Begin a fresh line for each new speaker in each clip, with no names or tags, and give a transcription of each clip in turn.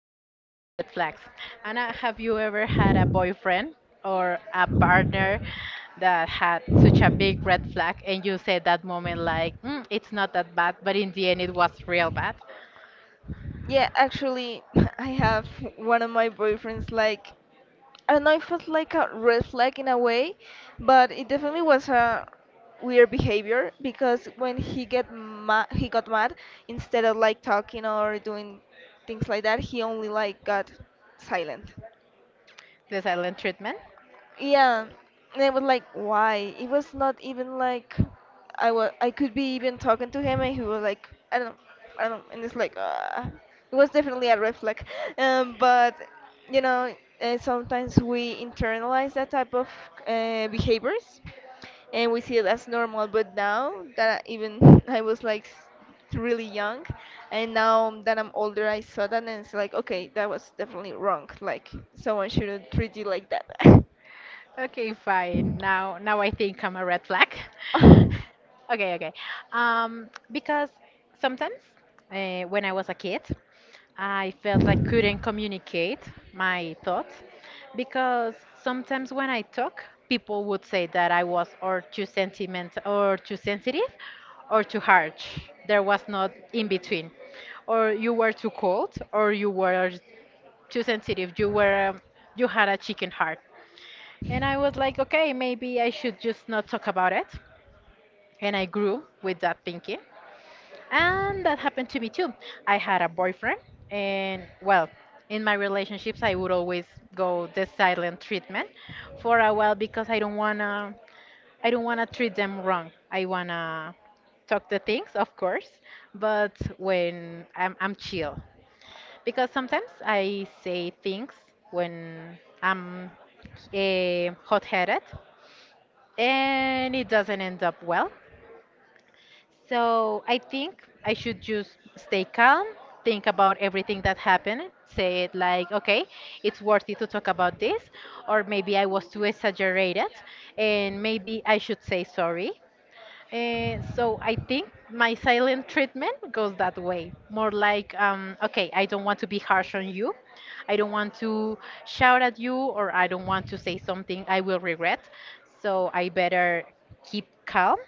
talking about red flags. Anna, have you ever had a boyfriend or a partner that had such a big red flag, and you said that moment like, it's not that bad, but in the end it was real bad?
Yeah, actually, I have one of my boyfriends. I don't know if it's like a red flag in a way, but it definitely was a weird behavior because when he get mad, he got mad instead of like talking or doing things like that, he only like got silent.
The silent treatment?
Yeah, and I was like, why? It was not even like I was. I could be even talking to him, and he was like, I don't, and it's like, ah, it was definitely a red flag. But you know, sometimes we internalize that type of behaviors, and we see it as normal. But now that even I was like really young, and now that I'm older, I saw that, and it's like, okay, that was definitely wrong. Like someone shouldn't treat you like that.
Okay, fine. Now I think I'm a red flag. Okay, okay. Because sometimes when I was a kid, I felt like couldn't communicate my thoughts because sometimes when I talk, people would say that I was or too sentiment or too sensitive or too harsh. There was not in between. Or you were too cold or you were too sensitive. You were you had a chicken heart. And I was like, okay, maybe I should just not talk about it. And I grew with that thinking. And that happened to me too. I had a boyfriend, and well, in my relationships, I would always go the silent treatment for a while because I don't wanna treat them wrong. I wanna talk the things, of course, but when I'm chill. Because sometimes I say things when I'm hot-headed and it doesn't end up well. So I think I should just stay calm, think about everything that happened, say it like, okay, it's worth it to talk about this, or maybe I was too exaggerated, and maybe I should say sorry. So I think my silent treatment goes that way, more like, okay, I don't want to be harsh on you. I don't want to shout at you, or I don't want to say something I will regret. So I better keep calm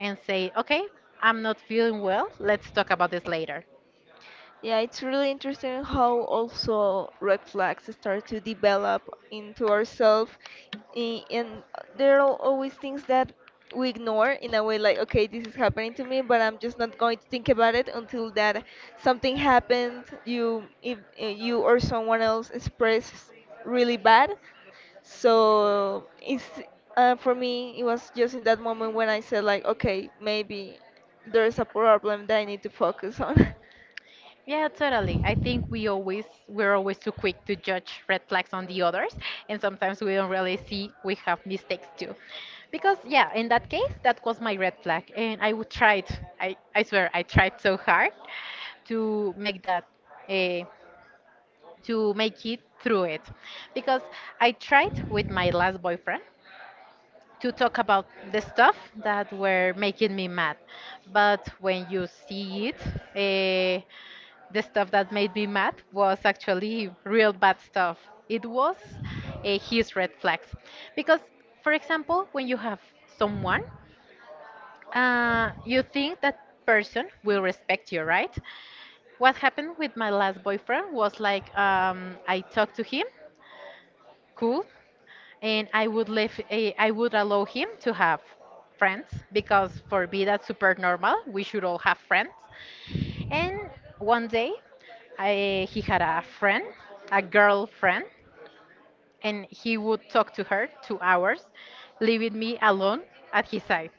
and say, okay, I'm not feeling well. Let's talk about this later.
Yeah, it's really interesting how also red flags start to develop into ourselves, and there are always things that we ignore in a way like, okay, this is happening to me, but I'm just not going to think about it until that something happened, you, if you or someone else expressed really bad. So it's for me, it was just in that moment when I said like, okay, maybe there's a problem that I need to focus on.
Yeah, totally. I think we're always too quick to judge red flags on the others, and sometimes we don't really see we have mistakes too. Because yeah, in that case, that was my red flag, and I would tried. I swear I tried so hard to make that uh, to make it through it, because I tried with my last boyfriend to talk about the stuff that were making me mad, but when you see it. Uh, the stuff that made me mad was actually real bad stuff. It was his red flags. Because, for example, when you have someone, you think that person will respect you, right? What happened with my last boyfriend was like I talked to him, cool, and I would leave, I would allow him to have friends because for me that's super normal. We should all have friends. And one day, he had a friend, a girlfriend, and he would talk to her 2 hours, leaving me alone at his side.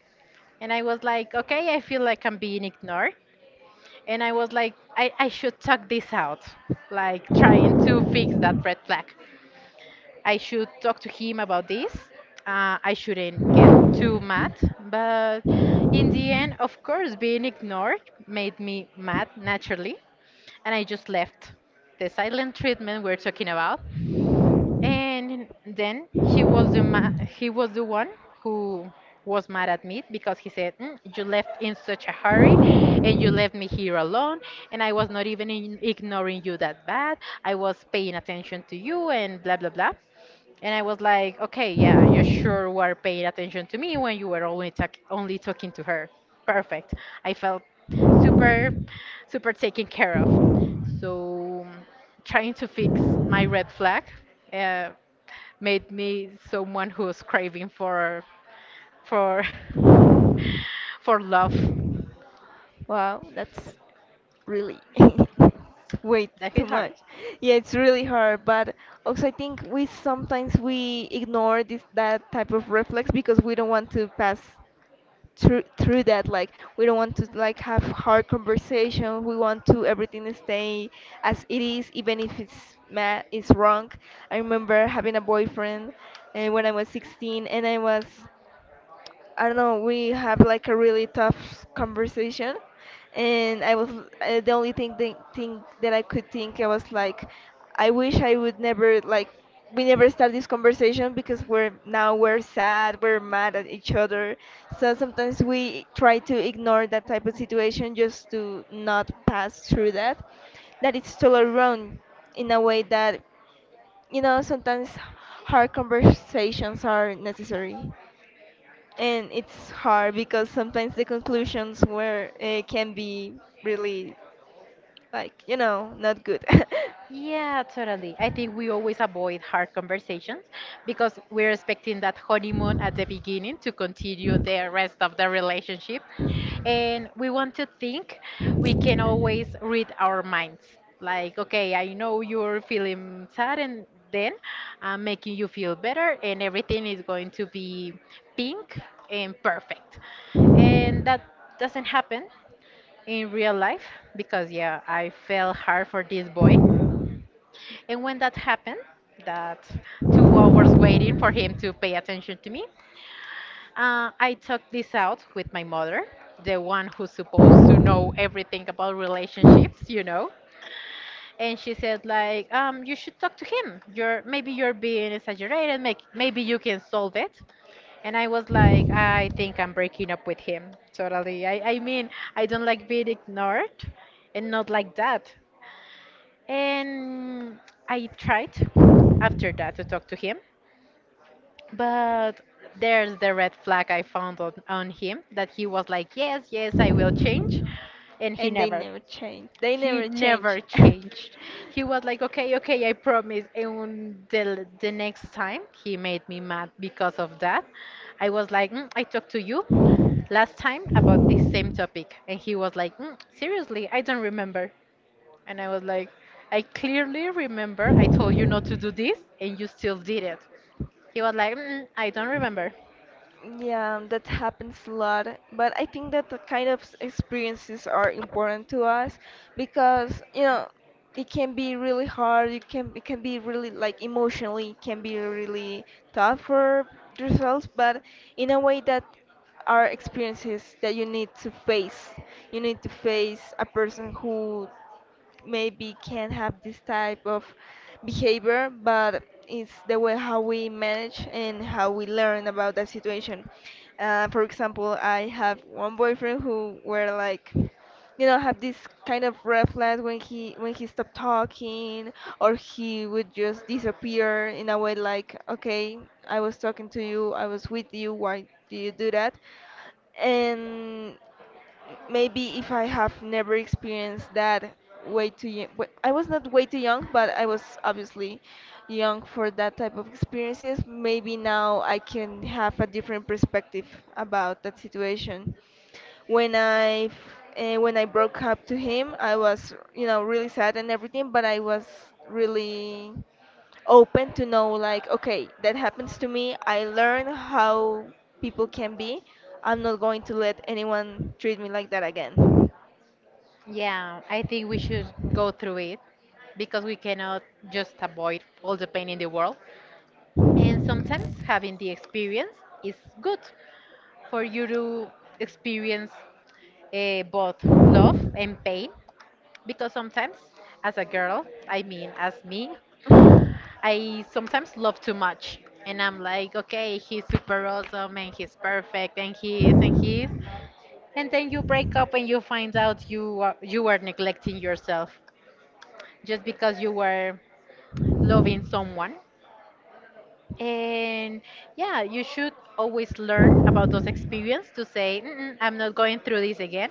And I was like, okay, I feel like I'm being ignored. And I was like, I should talk this out, like trying to fix that red flag. I should talk to him about this. I shouldn't get too mad, but in the end, of course, being ignored made me mad naturally and I just left the silent treatment we're talking about. And then he was the he was the one who was mad at me because he said, "Mm, you left in such a hurry, and you left me here alone, and I was not even ignoring you that bad. I was paying attention to you, and blah blah blah." And I was like, "Okay, yeah, you sure were paying attention to me when you were only talking to her. Perfect. I felt super, super taken care of." So trying to fix my red flag uh, made me someone who's craving for for love.
Wow, that's really it's way
That
too
hit hard.
much. Yeah, it's really hard, but also I think we sometimes we ignore this that type of reflex because we don't want to pass through that. Like we don't want to like have hard conversation. We want to everything stay as it is, even if it's mad, it's wrong. I remember having a boyfriend when I was 16, and I was I don't know, we have like a really tough conversation, and I was the only thing that I could think I was like, I wish I would never like we never start this conversation because we're now we're sad, we're mad at each other. So sometimes we try to ignore that type of situation just to not pass through that. That it's totally wrong in a way that you know sometimes hard conversations are necessary, and it's hard because sometimes the conclusions were can be really, like, you know, not good.
Yeah, totally. I think we always avoid hard conversations because we're expecting that honeymoon at the beginning to continue the rest of the relationship. And we want to think we can always read our minds. Like, okay, I know you're feeling sad, and then I'm making you feel better, and everything is going to be pink and perfect. And that doesn't happen in real life because, yeah, I fell hard for this boy and when that happened, that
but
2 hours waiting for him to pay attention to me, I talked this out with my mother, the one who's supposed to know everything about relationships, you know. And she said, like, you should talk to him. You're maybe you're being exaggerated. Maybe you can solve it. And I was like, I think I'm breaking up with him. Totally. I mean, I don't like being ignored, and not like that. And I tried after that to talk to him, but there's the red flag I found on him that he was like, yes, yes, I will change. And
And they never change. They
he
never change.
never changed. He was like, okay, okay, I promise. And the next time he made me mad because of that, I was like, "Mm, I talked to you last time about this same topic." And he was like, "Mm, seriously, I don't remember." And I was like, I clearly remember I told you not to do this and you still did it. He was like, I don't remember.
Yeah, that happens a lot. But I think that the kind of experiences are important to us because, you know, it can be really hard. It can be really like emotionally it can be really tough for yourselves, but in a way that are experiences that you need to face. You need to face a person who maybe can have this type of behavior, but it's the way how we manage and how we learn about that situation. For example, I have one boyfriend who were like, you know, have this kind of reflex when he stopped talking, or he would just disappear in a way like, okay, I was talking to you, I was with you, why do you do that? And maybe if I have never experienced that way too young, I was not way too young, but I was obviously young for that type of experiences. Maybe now I can have a different perspective about that situation. When I when I broke up to him, I was you know really sad and everything, but I was really open to know like okay that happens to me. I learn how people can be. I'm not going to let anyone treat me like that again.
Yeah, I think we should go through it because we cannot just avoid all the pain in the world. And sometimes having the experience is good for you to experience both love and pain because sometimes as a girl, I mean, as me, I sometimes love too much. And I'm like, okay, he's super awesome and he's perfect and he is. And then you break up and you find out you were neglecting yourself just because you were loving someone. And yeah, you should always learn about those experiences to say, "Mm-mm, I'm not going through this again."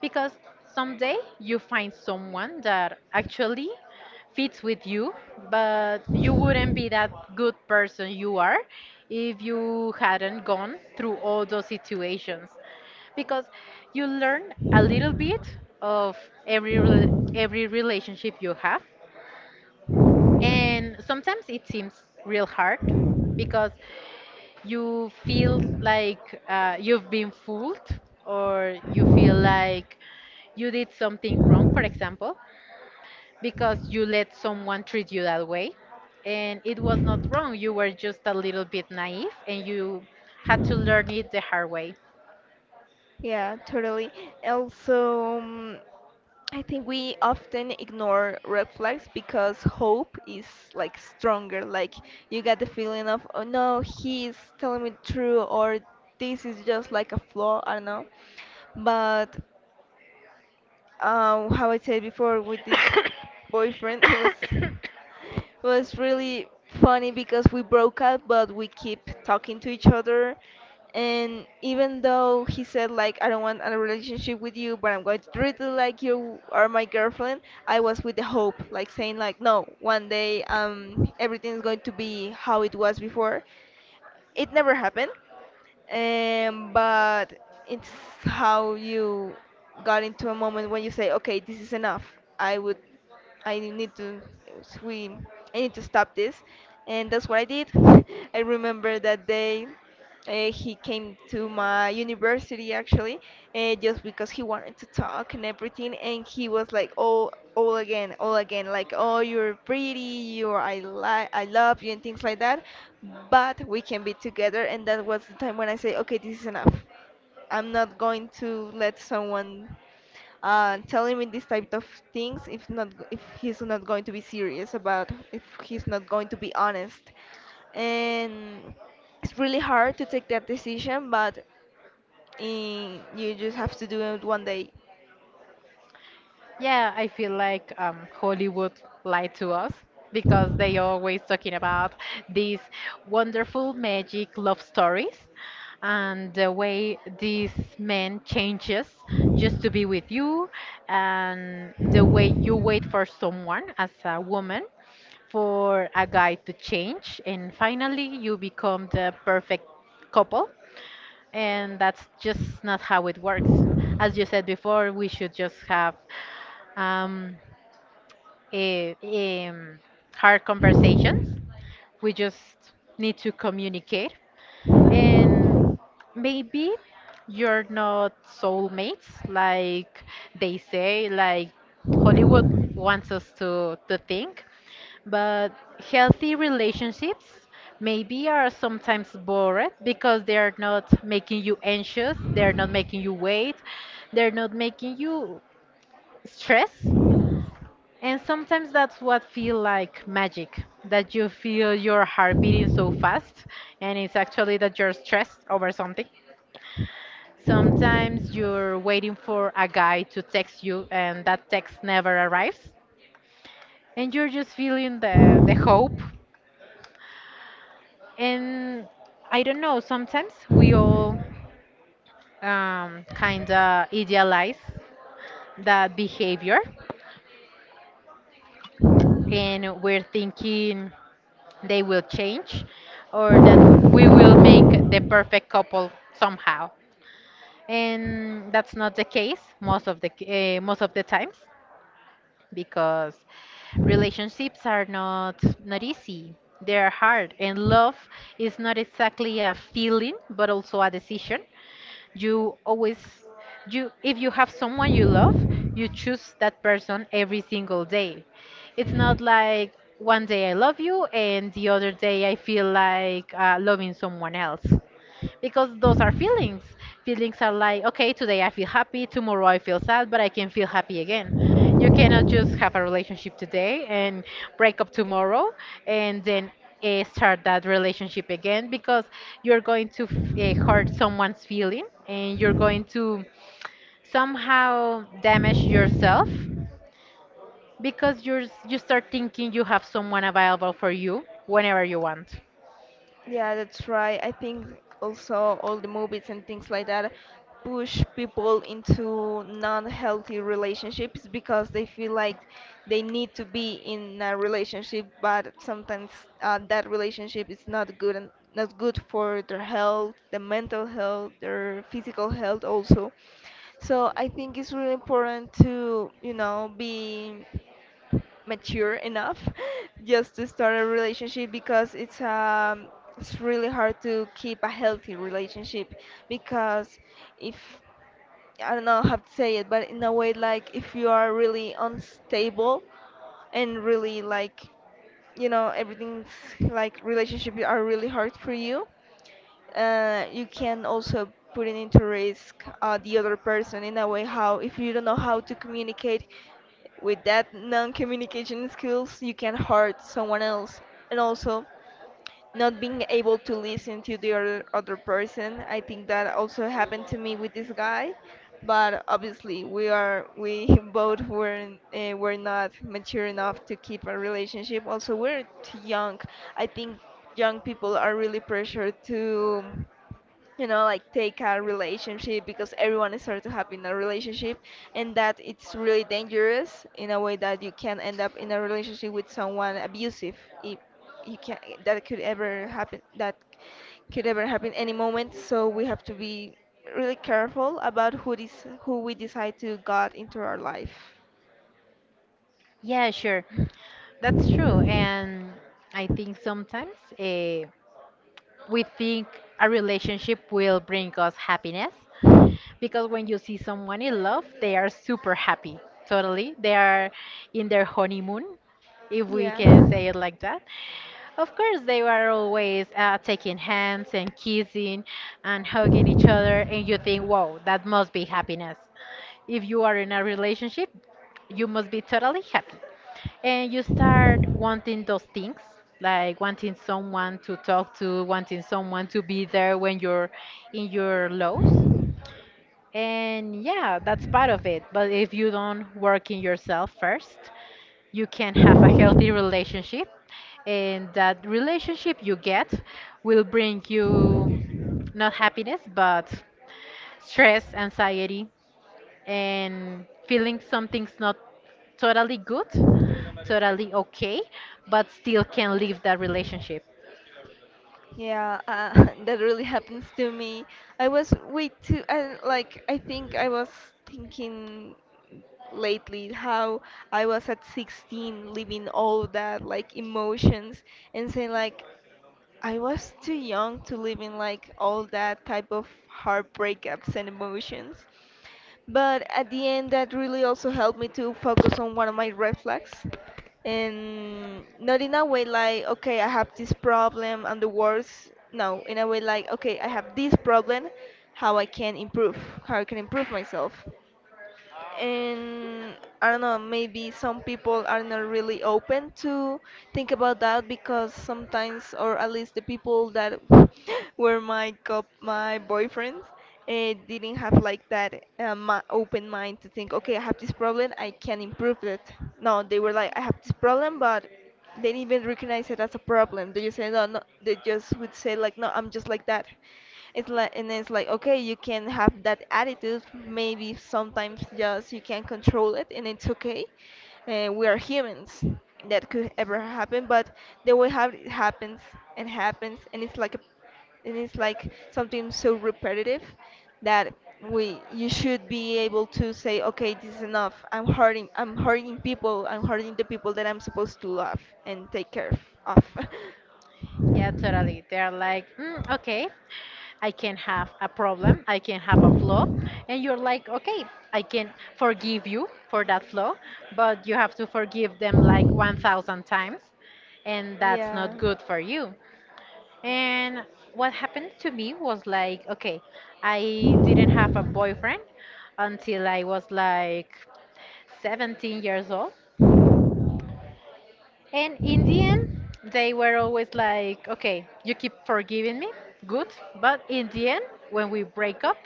Because someday you find someone that actually fits with you, but you wouldn't be that good person you are if you hadn't gone through all those situations. Because you learn a little bit of every relationship you have, and sometimes it seems real hard because you feel like you've been fooled or you feel like you did something wrong, for example, because you let someone treat you that way and it was not wrong. You were just a little bit naive and you had to learn it the hard way.
Yeah, totally. Also, I think we often ignore red flags because hope is like stronger. Like you get the feeling of, oh no, he's telling me true, or this is just like a flaw, I don't know. But how I said before with this boyfriend, it was was really funny because we broke up, but we keep talking to each other. And even though he said like, I don't want a relationship with you, but I'm going to treat you like you are my girlfriend, I was with the hope, like saying like, no, one day everything's going to be how it was before. It never happened, but it's how you got into a moment when you say, okay, this is enough. I would, I need to, we, I need to stop this. And that's what I did. I remember that day. He came to my university actually, just because he wanted to talk and everything. And he was like, "Oh, all again, like, oh, you're pretty, you're I like, I love you, and things like that." But we can be together, and that was the time when I say, "Okay, this is enough." I'm not going to let someone telling me this type of things if not g- if he's not going to be serious about, if he's not going to be honest. And it's really hard to take that decision, but you just have to do it one day.
Yeah, I feel like Hollywood lied to us because they always talking about these wonderful magic love stories and the way this man changes just to be with you and the way you wait for someone as a woman for a guy to change and finally you become the perfect couple and that's just not how it works. As you said before, we should just have um, eh, em, hard conversations. We just need to communicate. And maybe you're not soulmates like they say, like Hollywood wants us to think. But healthy relationships maybe are sometimes boring because they are not making you anxious, they're not making you wait, they're not making you stress. And sometimes that's what feel like magic, that you feel your heart beating so fast, and it's actually that you're stressed over something. Sometimes you're waiting for a guy to text you, and that text never arrives, and you're just feeling the hope. And I don't know. Sometimes we all kind of idealize that behavior, and we're thinking they will change or that we will make the perfect couple somehow, and that's not the case most of the times because relationships are not easy, they are hard. And love is not exactly a feeling but also a decision. You always you if you have someone you love, you choose that person every single day. It's not like one day I love you and the other day I feel like loving someone else, because those are feelings. Feelings are like, okay, today I feel happy, tomorrow I feel sad, but I can feel happy again. You cannot just have a relationship today and break up tomorrow and then start that relationship again because you're going to hurt someone's feeling and you're going to somehow damage yourself because you start thinking you have someone available for you whenever you want.
Yeah, that's right. I think also all the movies and things like that push people into non-healthy relationships because they feel like they need to be in a relationship, but sometimes that relationship is not good and not good for their health, their mental health, their physical health also. So I think it's really important to, you know, be mature enough just to start a relationship because it's it's really hard to keep a healthy relationship because if I don't know how to say it, but in a way like if you are really unstable and really like, you know, everything's like relationship are really hard for you. You can also put it into risk the other person in a way how, if you don't know how to communicate with that non-communication skills, you can hurt someone else. And also not being able to listen to the other person, I think that also happened to me with this guy, but obviously we both were not mature enough to keep a relationship. Also we're too young. I think young people are really pressured to, you know, like take a relationship because everyone is started to have in a relationship. And that it's really dangerous in a way that you can end up in a relationship with someone abusive if you can. That could ever happen, any moment, so we have to be really careful about who this who we decide to got into our life.
Yeah, sure. That's true. And I think sometimes we think a relationship will bring us happiness because when you see someone in love, they are super happy. Totally. They are in their honeymoon, if we
Yeah.
can say it like that. Of course, they were always taking hands and kissing and hugging each other, and you think, wow, that must be happiness. If you are in a relationship, you must be totally happy and you start wanting those things, like wanting someone to talk to, wanting someone to be there when you're in your lows. And yeah, that's part of it, but if you don't work in yourself first, you can have a healthy relationship and that relationship you get will bring you not happiness but stress, anxiety, and feeling something's not totally good, totally okay, but still can leave that relationship.
Yeah, that really happens to me. I was way too, I, like, I think I was thinking lately how I was at 16 living all that, like, emotions and saying, like, I was too young to live in like all that type of heartbreakups and emotions. But at the end, that really also helped me to focus on one of my red flags. And not in a way like, okay, I have this problem and the worst. No, in a way like, okay, I have this problem, how I can improve, how I can improve myself. And I don't know, maybe some people are not really open to think about that because sometimes, or at least the people that were my boyfriends, didn't have like that open mind to think, okay, I have this problem, I can improve it. No, they were like, I have this problem, but they didn't even recognize it as a problem. They just say, no, no, they just would say like, no, I'm just like that. It's like, and it's like, okay, you can have that attitude. Maybe sometimes just you can control it, and it's okay. We are humans. That could ever happen, but the way how it happens, and it's like a, and it's like something so repetitive that we you should be able to say, okay, this is enough. I'm hurting. I'm hurting people. I'm hurting the people that I'm supposed to love and take care of.
Yeah, totally. They're like, mm, okay, I can have a problem, I can have a flaw, and you're like, okay, I can forgive you for that flaw, but you have to forgive them like 1,000 times, and that's
Yeah.
not good for you. And what happened to me was like, okay, I didn't have a boyfriend until I was like 17 years old. And in the end, they were always like, okay, you keep forgiving me, good, but in the end, when we break up,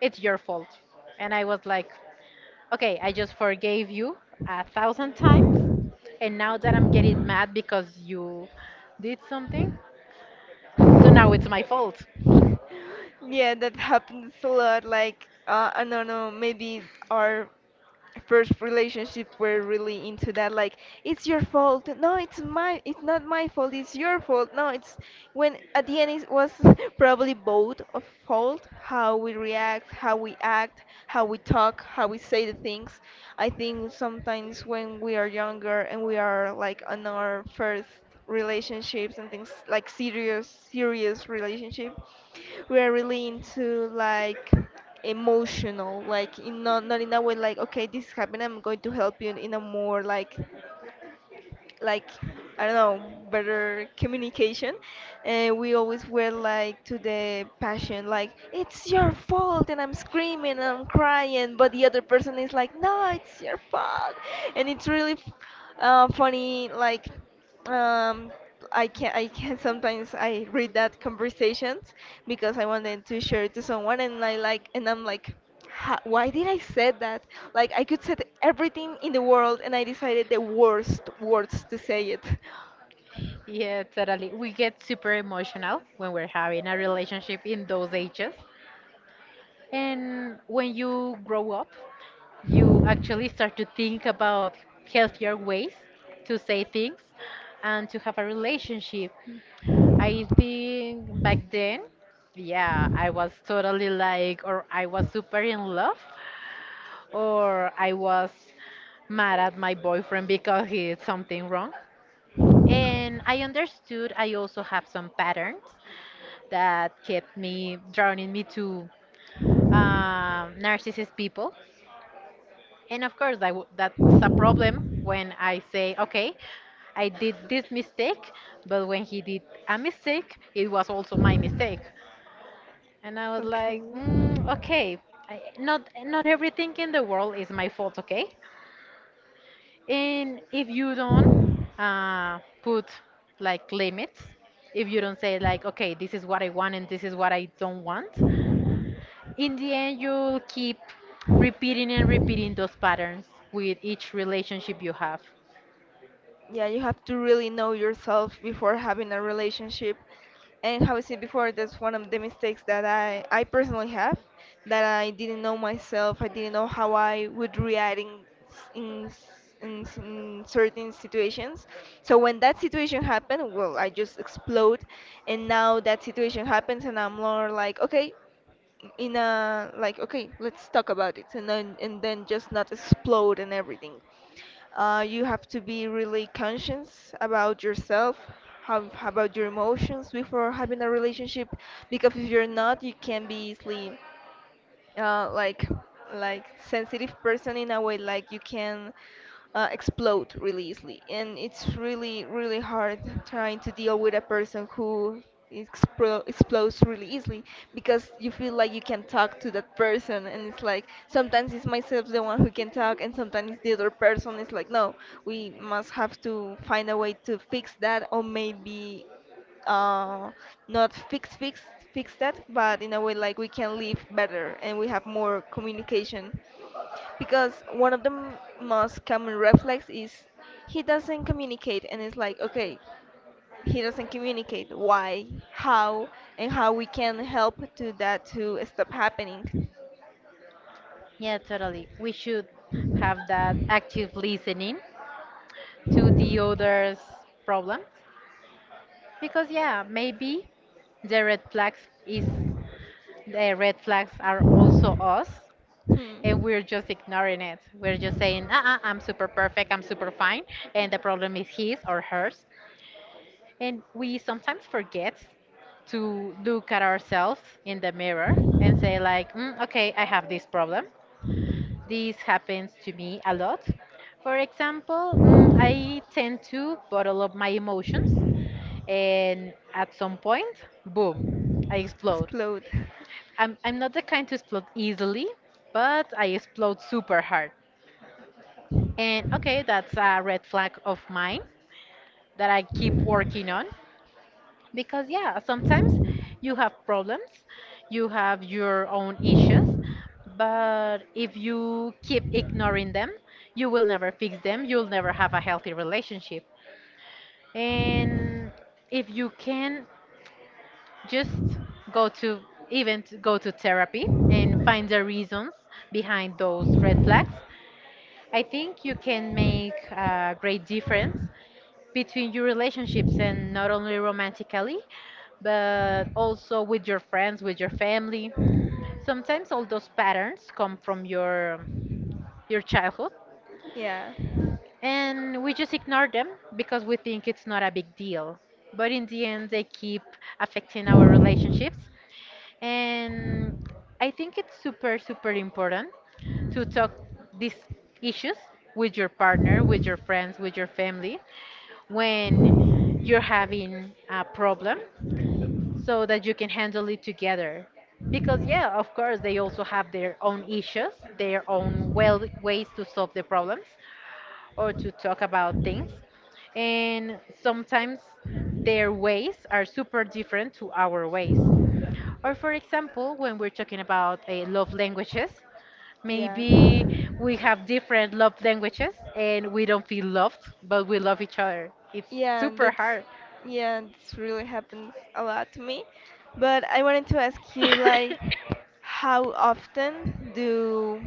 it's your fault. And I was like, okay, I just forgave you 1,000 times, and now that I'm getting mad because you did something, so now it's my fault.
Yeah, that happens a lot. Like, I don't know, maybe our first relationship we're really into that. Like, it's your fault. No, it's my. It's not my fault. It's your fault. No, it's when at the end it was probably both of fault. How we react, how we act, how we talk, how we say the things. I think sometimes when we are younger and we are like on our first relationships and things like serious, serious relationship we're really into like emotional, like in not in a way like, okay, this happened, I'm going to help you in a more like, I don't know, better communication. And we always were like to the passion, like it's your fault and I'm screaming and I'm crying, but the other person is like, no, it's your fault. And it's really funny, like um, I can sometimes I read that conversations because I wanted to share it to someone and I like and I'm like, " why did I said that? Like I could say everything in the world and I decided the worst words to say it.
Yeah, totally. We get super emotional when we're having a relationship in those ages. And when you grow up, you actually start to think about healthier ways to say things and to have a relationship. I think back then, yeah, I was totally like, or I was super in love, or I was mad at my boyfriend because he did something wrong. And I understood I also have some patterns that kept me drowning me to narcissist people. And of course, I w that's a problem when I say, okay, I did this mistake, but when he did a mistake, it was also my mistake. And I was
Okay.
like, mm, okay, I, not everything in the world is my fault, okay? And if you don't put like limits, if you don't say like, okay, this is what I want and this is what I don't want, in the end, you'll keep repeating and repeating those patterns with each relationship you have.
Yeah, you have to really know yourself before having a relationship. And how I said before, that's one of the mistakes that I personally have, that I didn't know myself. I didn't know how I would react in s- in, s- in certain situations. So when that situation happened, well, I just explode. And now that situation happens and I'm more like, okay, in a like, okay, let's talk about it, and then just not explode and everything. You have to be really conscious about yourself, how about your emotions before having a relationship. Because if you're not, you can be easily uh, like like, sensitive person in a way like you can explode really easily. And it's really really hard trying to deal with a person who explodes really easily, because you feel like you can talk to that person, and it's like sometimes it's myself the one who can talk and sometimes it's the other person. It's like, no, we must have to find a way to fix that, or maybe uh, not fix that, but in a way like we can live better and we have more communication. Because one of the most common reflex is he doesn't communicate. And it's like, okay, he doesn't communicate. Why? How? And how we can help to that to stop happening?
Yeah, totally. We should have that active listening to the other's problems because, yeah, maybe the red flags is the red flags are also us and
Hmm.
we're just ignoring it. We're just saying, uh-uh, I'm super perfect, I'm super fine, and the problem is his or hers. And we sometimes forget to look at ourselves in the mirror and say, like, "Mm, okay, I have this problem. This happens to me a lot. For example, mm, I tend to bottle up my emotions, and at some point, boom, I explode.
Explode.
I'm not the kind to explode easily, but I explode super hard. And okay, that's a red flag of mine that I keep working on. Because, yeah, sometimes you have problems, you have your own issues, but if you keep ignoring them, you will never fix them, you'll never have a healthy relationship. And if you can just go to even to go to therapy and find the reasons behind those red flags, I think you can make a great difference between your relationships, and not only romantically but also with your friends, with your family. Sometimes all those patterns come from your childhood
Yeah.
and we just ignore them because we think it's not a big deal, but in the end they keep affecting our relationships. And I think it's super super important to talk these issues with your partner, with your friends, with your family when you're having a problem so that you can handle it together. Because, yeah, of course, they also have their own issues, their own well ways to solve the problems or to talk about things. And sometimes their ways are super different to our ways. Or, for example, when we're talking about love languages,
Yeah.
maybe we have different love languages and we don't feel loved, but we love each other. It's
Yeah, and
super
it's
hard.
Yeah, it's really happens a lot to me. But I wanted to ask you, like, how often do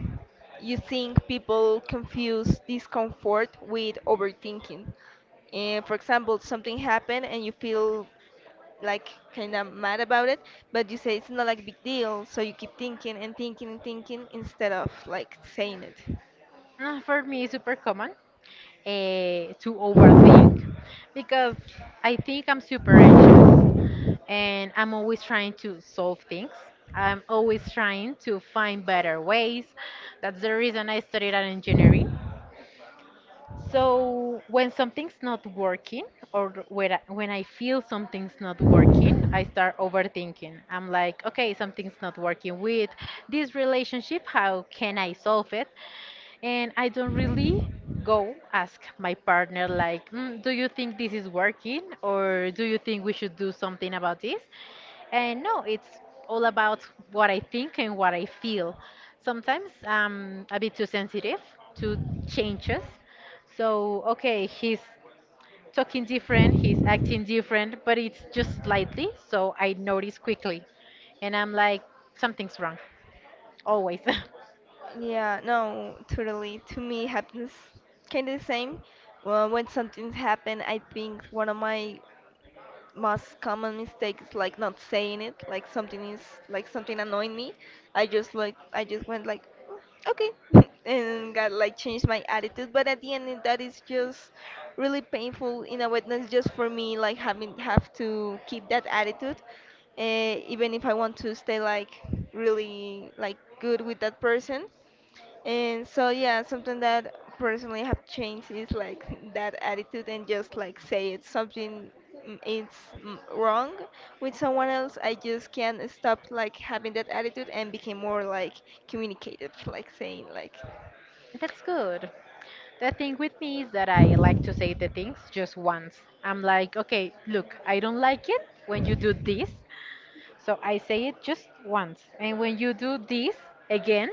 you think people confuse discomfort with overthinking? For example, something happened and you feel like kind of mad about it, but you say it's not like big deal, so you keep thinking and thinking and thinking instead of like saying it.
For me, it's super common to overthink because I think I'm super anxious and I'm always trying to solve things. I'm always trying to find better ways. That's the reason I studied at engineering. So when something's not working or when I feel something's not working, I start overthinking. I'm like, okay, something's not working with this relationship. How can I solve it? And I don't really go ask my partner like, mm, "Do you think this is working, or do you think we should do something about this?" And no, it's all about what I think and what I feel. Sometimes I'm a bit too sensitive to changes. So, okay, he's talking different, he's acting different, but it's just slightly, so I notice quickly. And I'm like, something's wrong, always.
Yeah, no, totally. To me, happens kind of the same. Well, when something's happened, I think one of my most common mistakes is like not saying it. Like something is like something annoying me. I just like I just went like, "Mm, okay," and got like changed my attitude. But at the end, that is just really painful in a way. Not just for me, like having have to keep that attitude, even if I want to stay like really like good with that person. And so, yeah, something that personally have changed is like that attitude, and just like say it's something, it's, wrong with someone else. I just can't stop like having that attitude and became more like communicative, like saying like
That's good. The thing with me is that I like to say the things just once. I'm like, okay, look, I don't like it when you do this, so I say it just once. And when you do this again,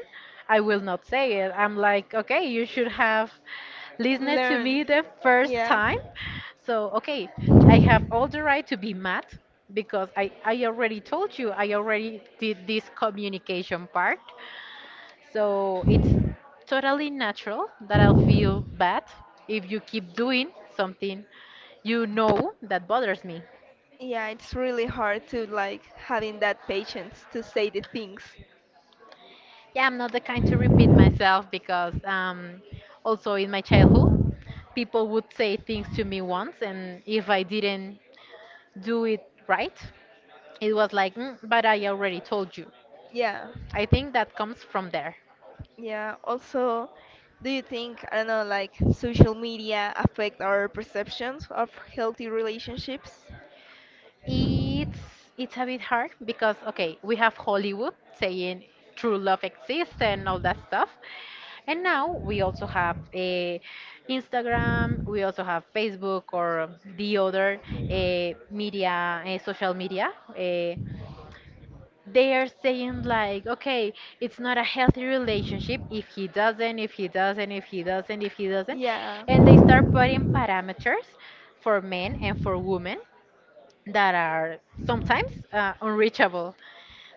I will not say it. I'm like, okay, you should have listened to
learn.
me the first
Yeah.
time. So, okay, I have all the right to be mad because I already told you, I already did this communication part. So it's totally natural that I'll feel bad if you keep doing something you know that bothers me.
Yeah, it's really hard to like having that patience to say the things.
Yeah, I'm not the kind to repeat myself because also in my childhood, people would say things to me once, and if I didn't do it right, it was like, "Mm, but I already told you.
Yeah.
I think that comes from there.
Yeah. Also, do you think, I don't know, like social media affect our perceptions of healthy relationships?
It's a bit hard because okay, we have Hollywood saying true love exists and all that stuff. And now we also have Instagram, we also have Facebook or the other media, social media. They are saying like, okay, it's not a healthy relationship if he doesn't, if he doesn't, if he doesn't, if he doesn't,
Yeah.
and they start putting parameters for men and for women that are sometimes unreachable.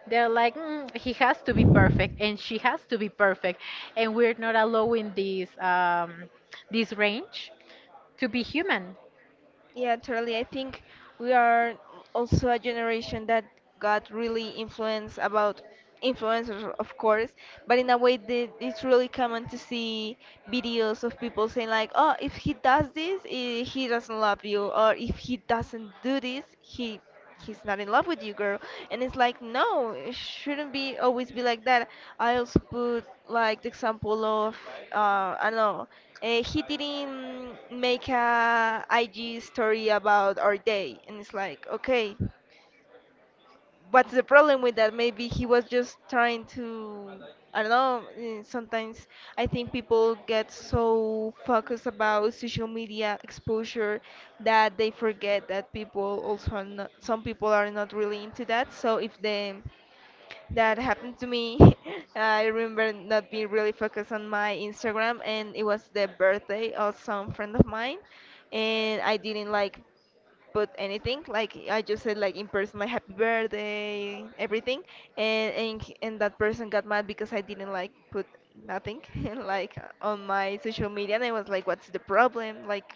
They're like, mm, he has to be perfect and she has to be perfect, and we're not allowing this this range to be human.
Yeah, totally. I think we are also a generation that got really influenced about influencers, of course, but in a way that it's really common to see videos of people saying like, "Oh, if he does this, eh, he doesn't love you," or "If he doesn't do this, he." He's not in love with you, girl. And it's like, no, it shouldn't be always be like that. I also put like the example of I don't know, he didn't make a IG story about our day, and it's like, okay, what's the problem with that? Maybe he was just trying to. I don't know. Sometimes I think people get so focused about social media exposure that they forget that people also are not, some people are not really into that. So if they that happened to me, I remember not being really focused on my Instagram, and it was the birthday of some friend of mine, and I didn't like but anything, like I just said, like in person, like happy birthday everything. And and that person got mad because I didn't like put nothing like on my social media. And I was like, what's the problem? Like,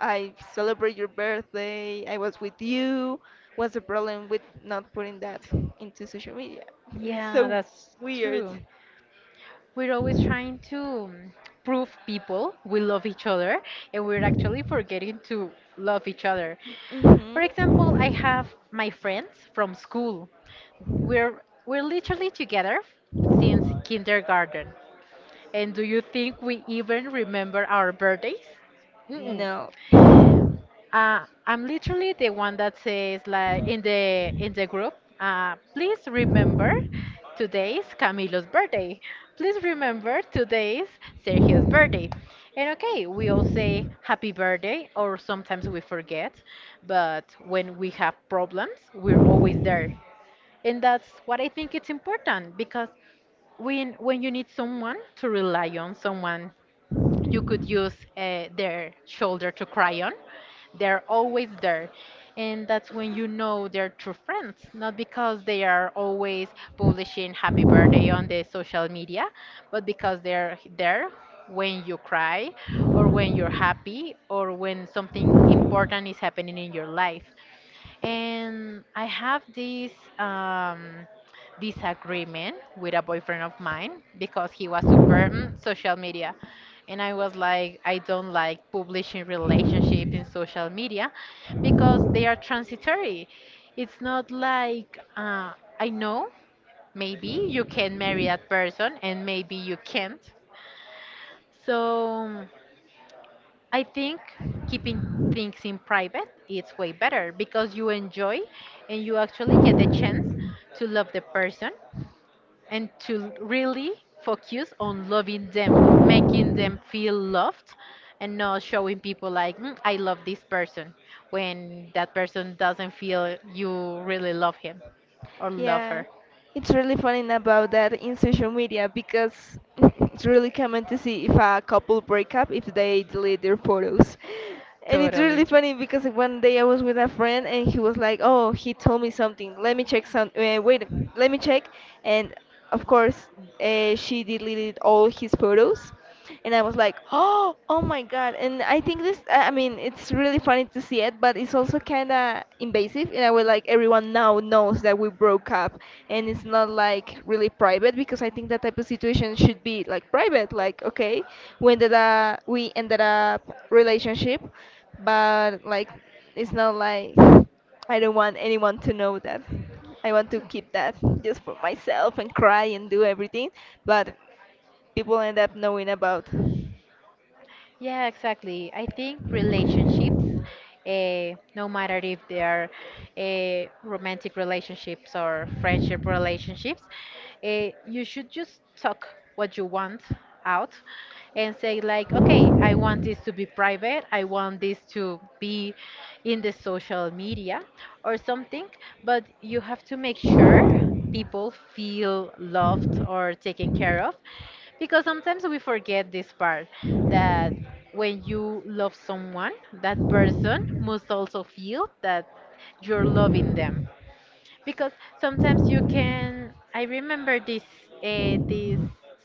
I celebrate your birthday, I was with you. What's the problem with not putting that into social media? It's
Yeah,
so
that's
weird.
true. We're always trying to mm, prove people we love each other, and we're actually forgetting to love each other. For example,
Hmm.
I have my friends from school. We're literally together since kindergarten. And do you think we even remember our birthdays? Mm-mm.
No.
I'm literally the one that says like in the group, please remember today's Camilo's birthday. Please remember today's Sergio's birthday. And okay, we all say happy birthday or sometimes we forget, but when we have problems, we're always there. And that's what I think it's important because when you need someone to rely on, someone you could use their shoulder to cry on. They're always there. And that's when you know they're true friends, not because they are always publishing happy birthday on the social media, but because they're there when you cry or when you're happy or when something important is happening in your life. And I have this um, disagreement with a boyfriend of mine because he was super mm, social media. And I was like, I don't like publishing relationships in social media because they are transitory. It's not like, I know maybe you can marry that person and maybe you can't. So I think keeping things in private is way better because you enjoy and you actually get the chance to love the person and to really focus on loving them, making them feel loved and not showing people like "Mm, I love this person when that person doesn't feel you really love him or love
Yeah,
her.
it's really funny about that in social media because it's really common to see if a couple break up, if they delete their photos. And it's really
Totally.
funny because one day I was with a friend and he was like, "Oh, he told me something. Let me check some. Wait, let me check." And of course, she deleted all his photos. And I was like, oh, oh my God. And I think this, I mean, it's really funny to see it, but it's also kind of invasive in a way, like everyone now knows that we broke up. And it's not like really private, because I think that type of situation should be like private. Like, okay, we ended up relationship, but like, it's not like, I don't want anyone to know that. I want to keep that just for myself and cry and do everything, but people end up knowing about.
Yeah, exactly. I think relationships, no matter if they are romantic relationships or friendship relationships, you should just talk what you want out and say, like, okay, I want this to be private, I want this to be in the social media or something, but you have to make sure people feel loved or taken care of because sometimes we forget this part that when you love someone, that person must also feel that you're loving them. Because sometimes you can. I remember this this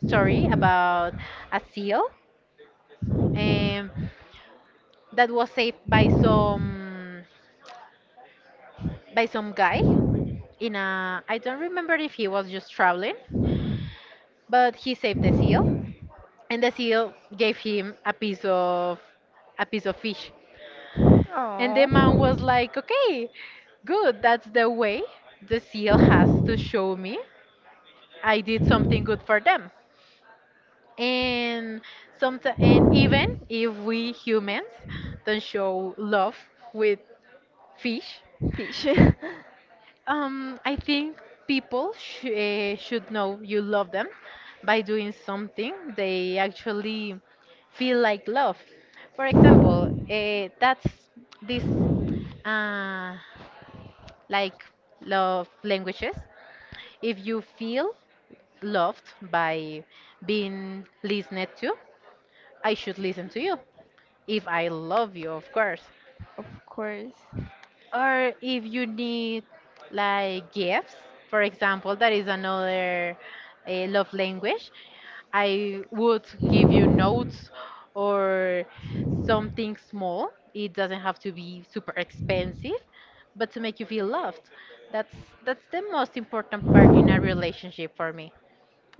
story about a seal um, that was saved by some guy in a. I don't remember if he was just traveling, but he saved the seal, and the seal gave him a piece of fish. And the
Oh,
man was like, okay, good, that's the way the seal has to show me I did something good for them. And sometimes, and even if we humans don't show love with fish,
fish.
I think people should know you love them by doing something they actually feel like love. For example, that's this uh, like love languages. If you feel loved by being listened to, I should listen to you. If I love you, of course.
Of course.
Or if you need like gifts, for example, that is another love language. I would give you notes or something small. It doesn't have to be super expensive, but to make you feel loved. That's that's the most important part in a relationship for me.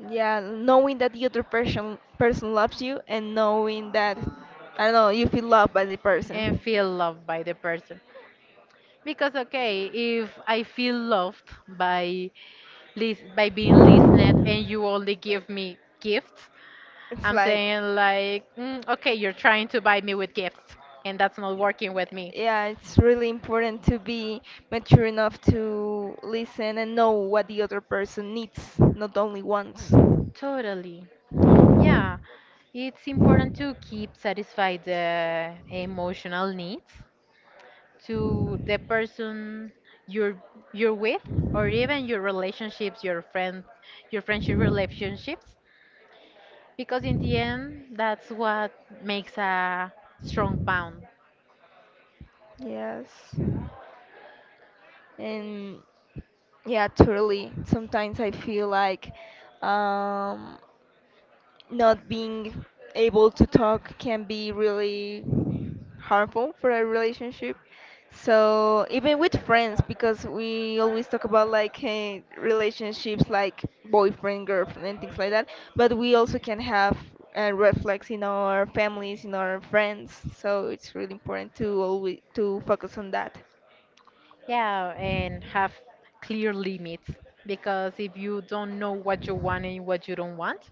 Yeah, knowing that the other person loves you, and knowing that, I don't know, you feel loved by the
And
person.
feel loved by the person. Because okay, if I feel loved by by being listened and you only give me gifts,
It's
I'm
like,
saying like, mm, okay, you're trying to buy me with gifts, and that's not working with me.
yeah, it's really important to be mature enough to listen and know what the other person needs, not only wants.
Totally. Yeah. It's important to keep satisfied the emotional needs to the person you're you're with or even your relationships, your friends, your friendship relationships because in the end that's what makes a strong bond.
Yes. And yeah, totally. Sometimes I feel like um, not being able to talk can be really harmful for a relationship. So even with friends, because we always talk about like relationships like boyfriend, girlfriend, and things like that, but we also can have reflex in our families, in our friends. So it's really important to always to focus on that.
Yeah, and have clear limits because if you don't know what you want and what you don't want,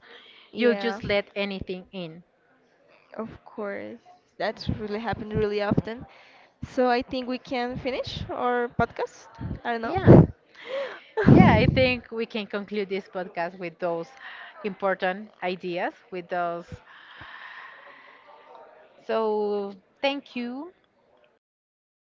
you'll
Yeah.
just let anything in.
Of course, that's really happened really often. So I think we can finish our podcast. I don't
Yeah,
know.
yeah, I think we can conclude this podcast with those important ideas, with those. So, thank you
Bye.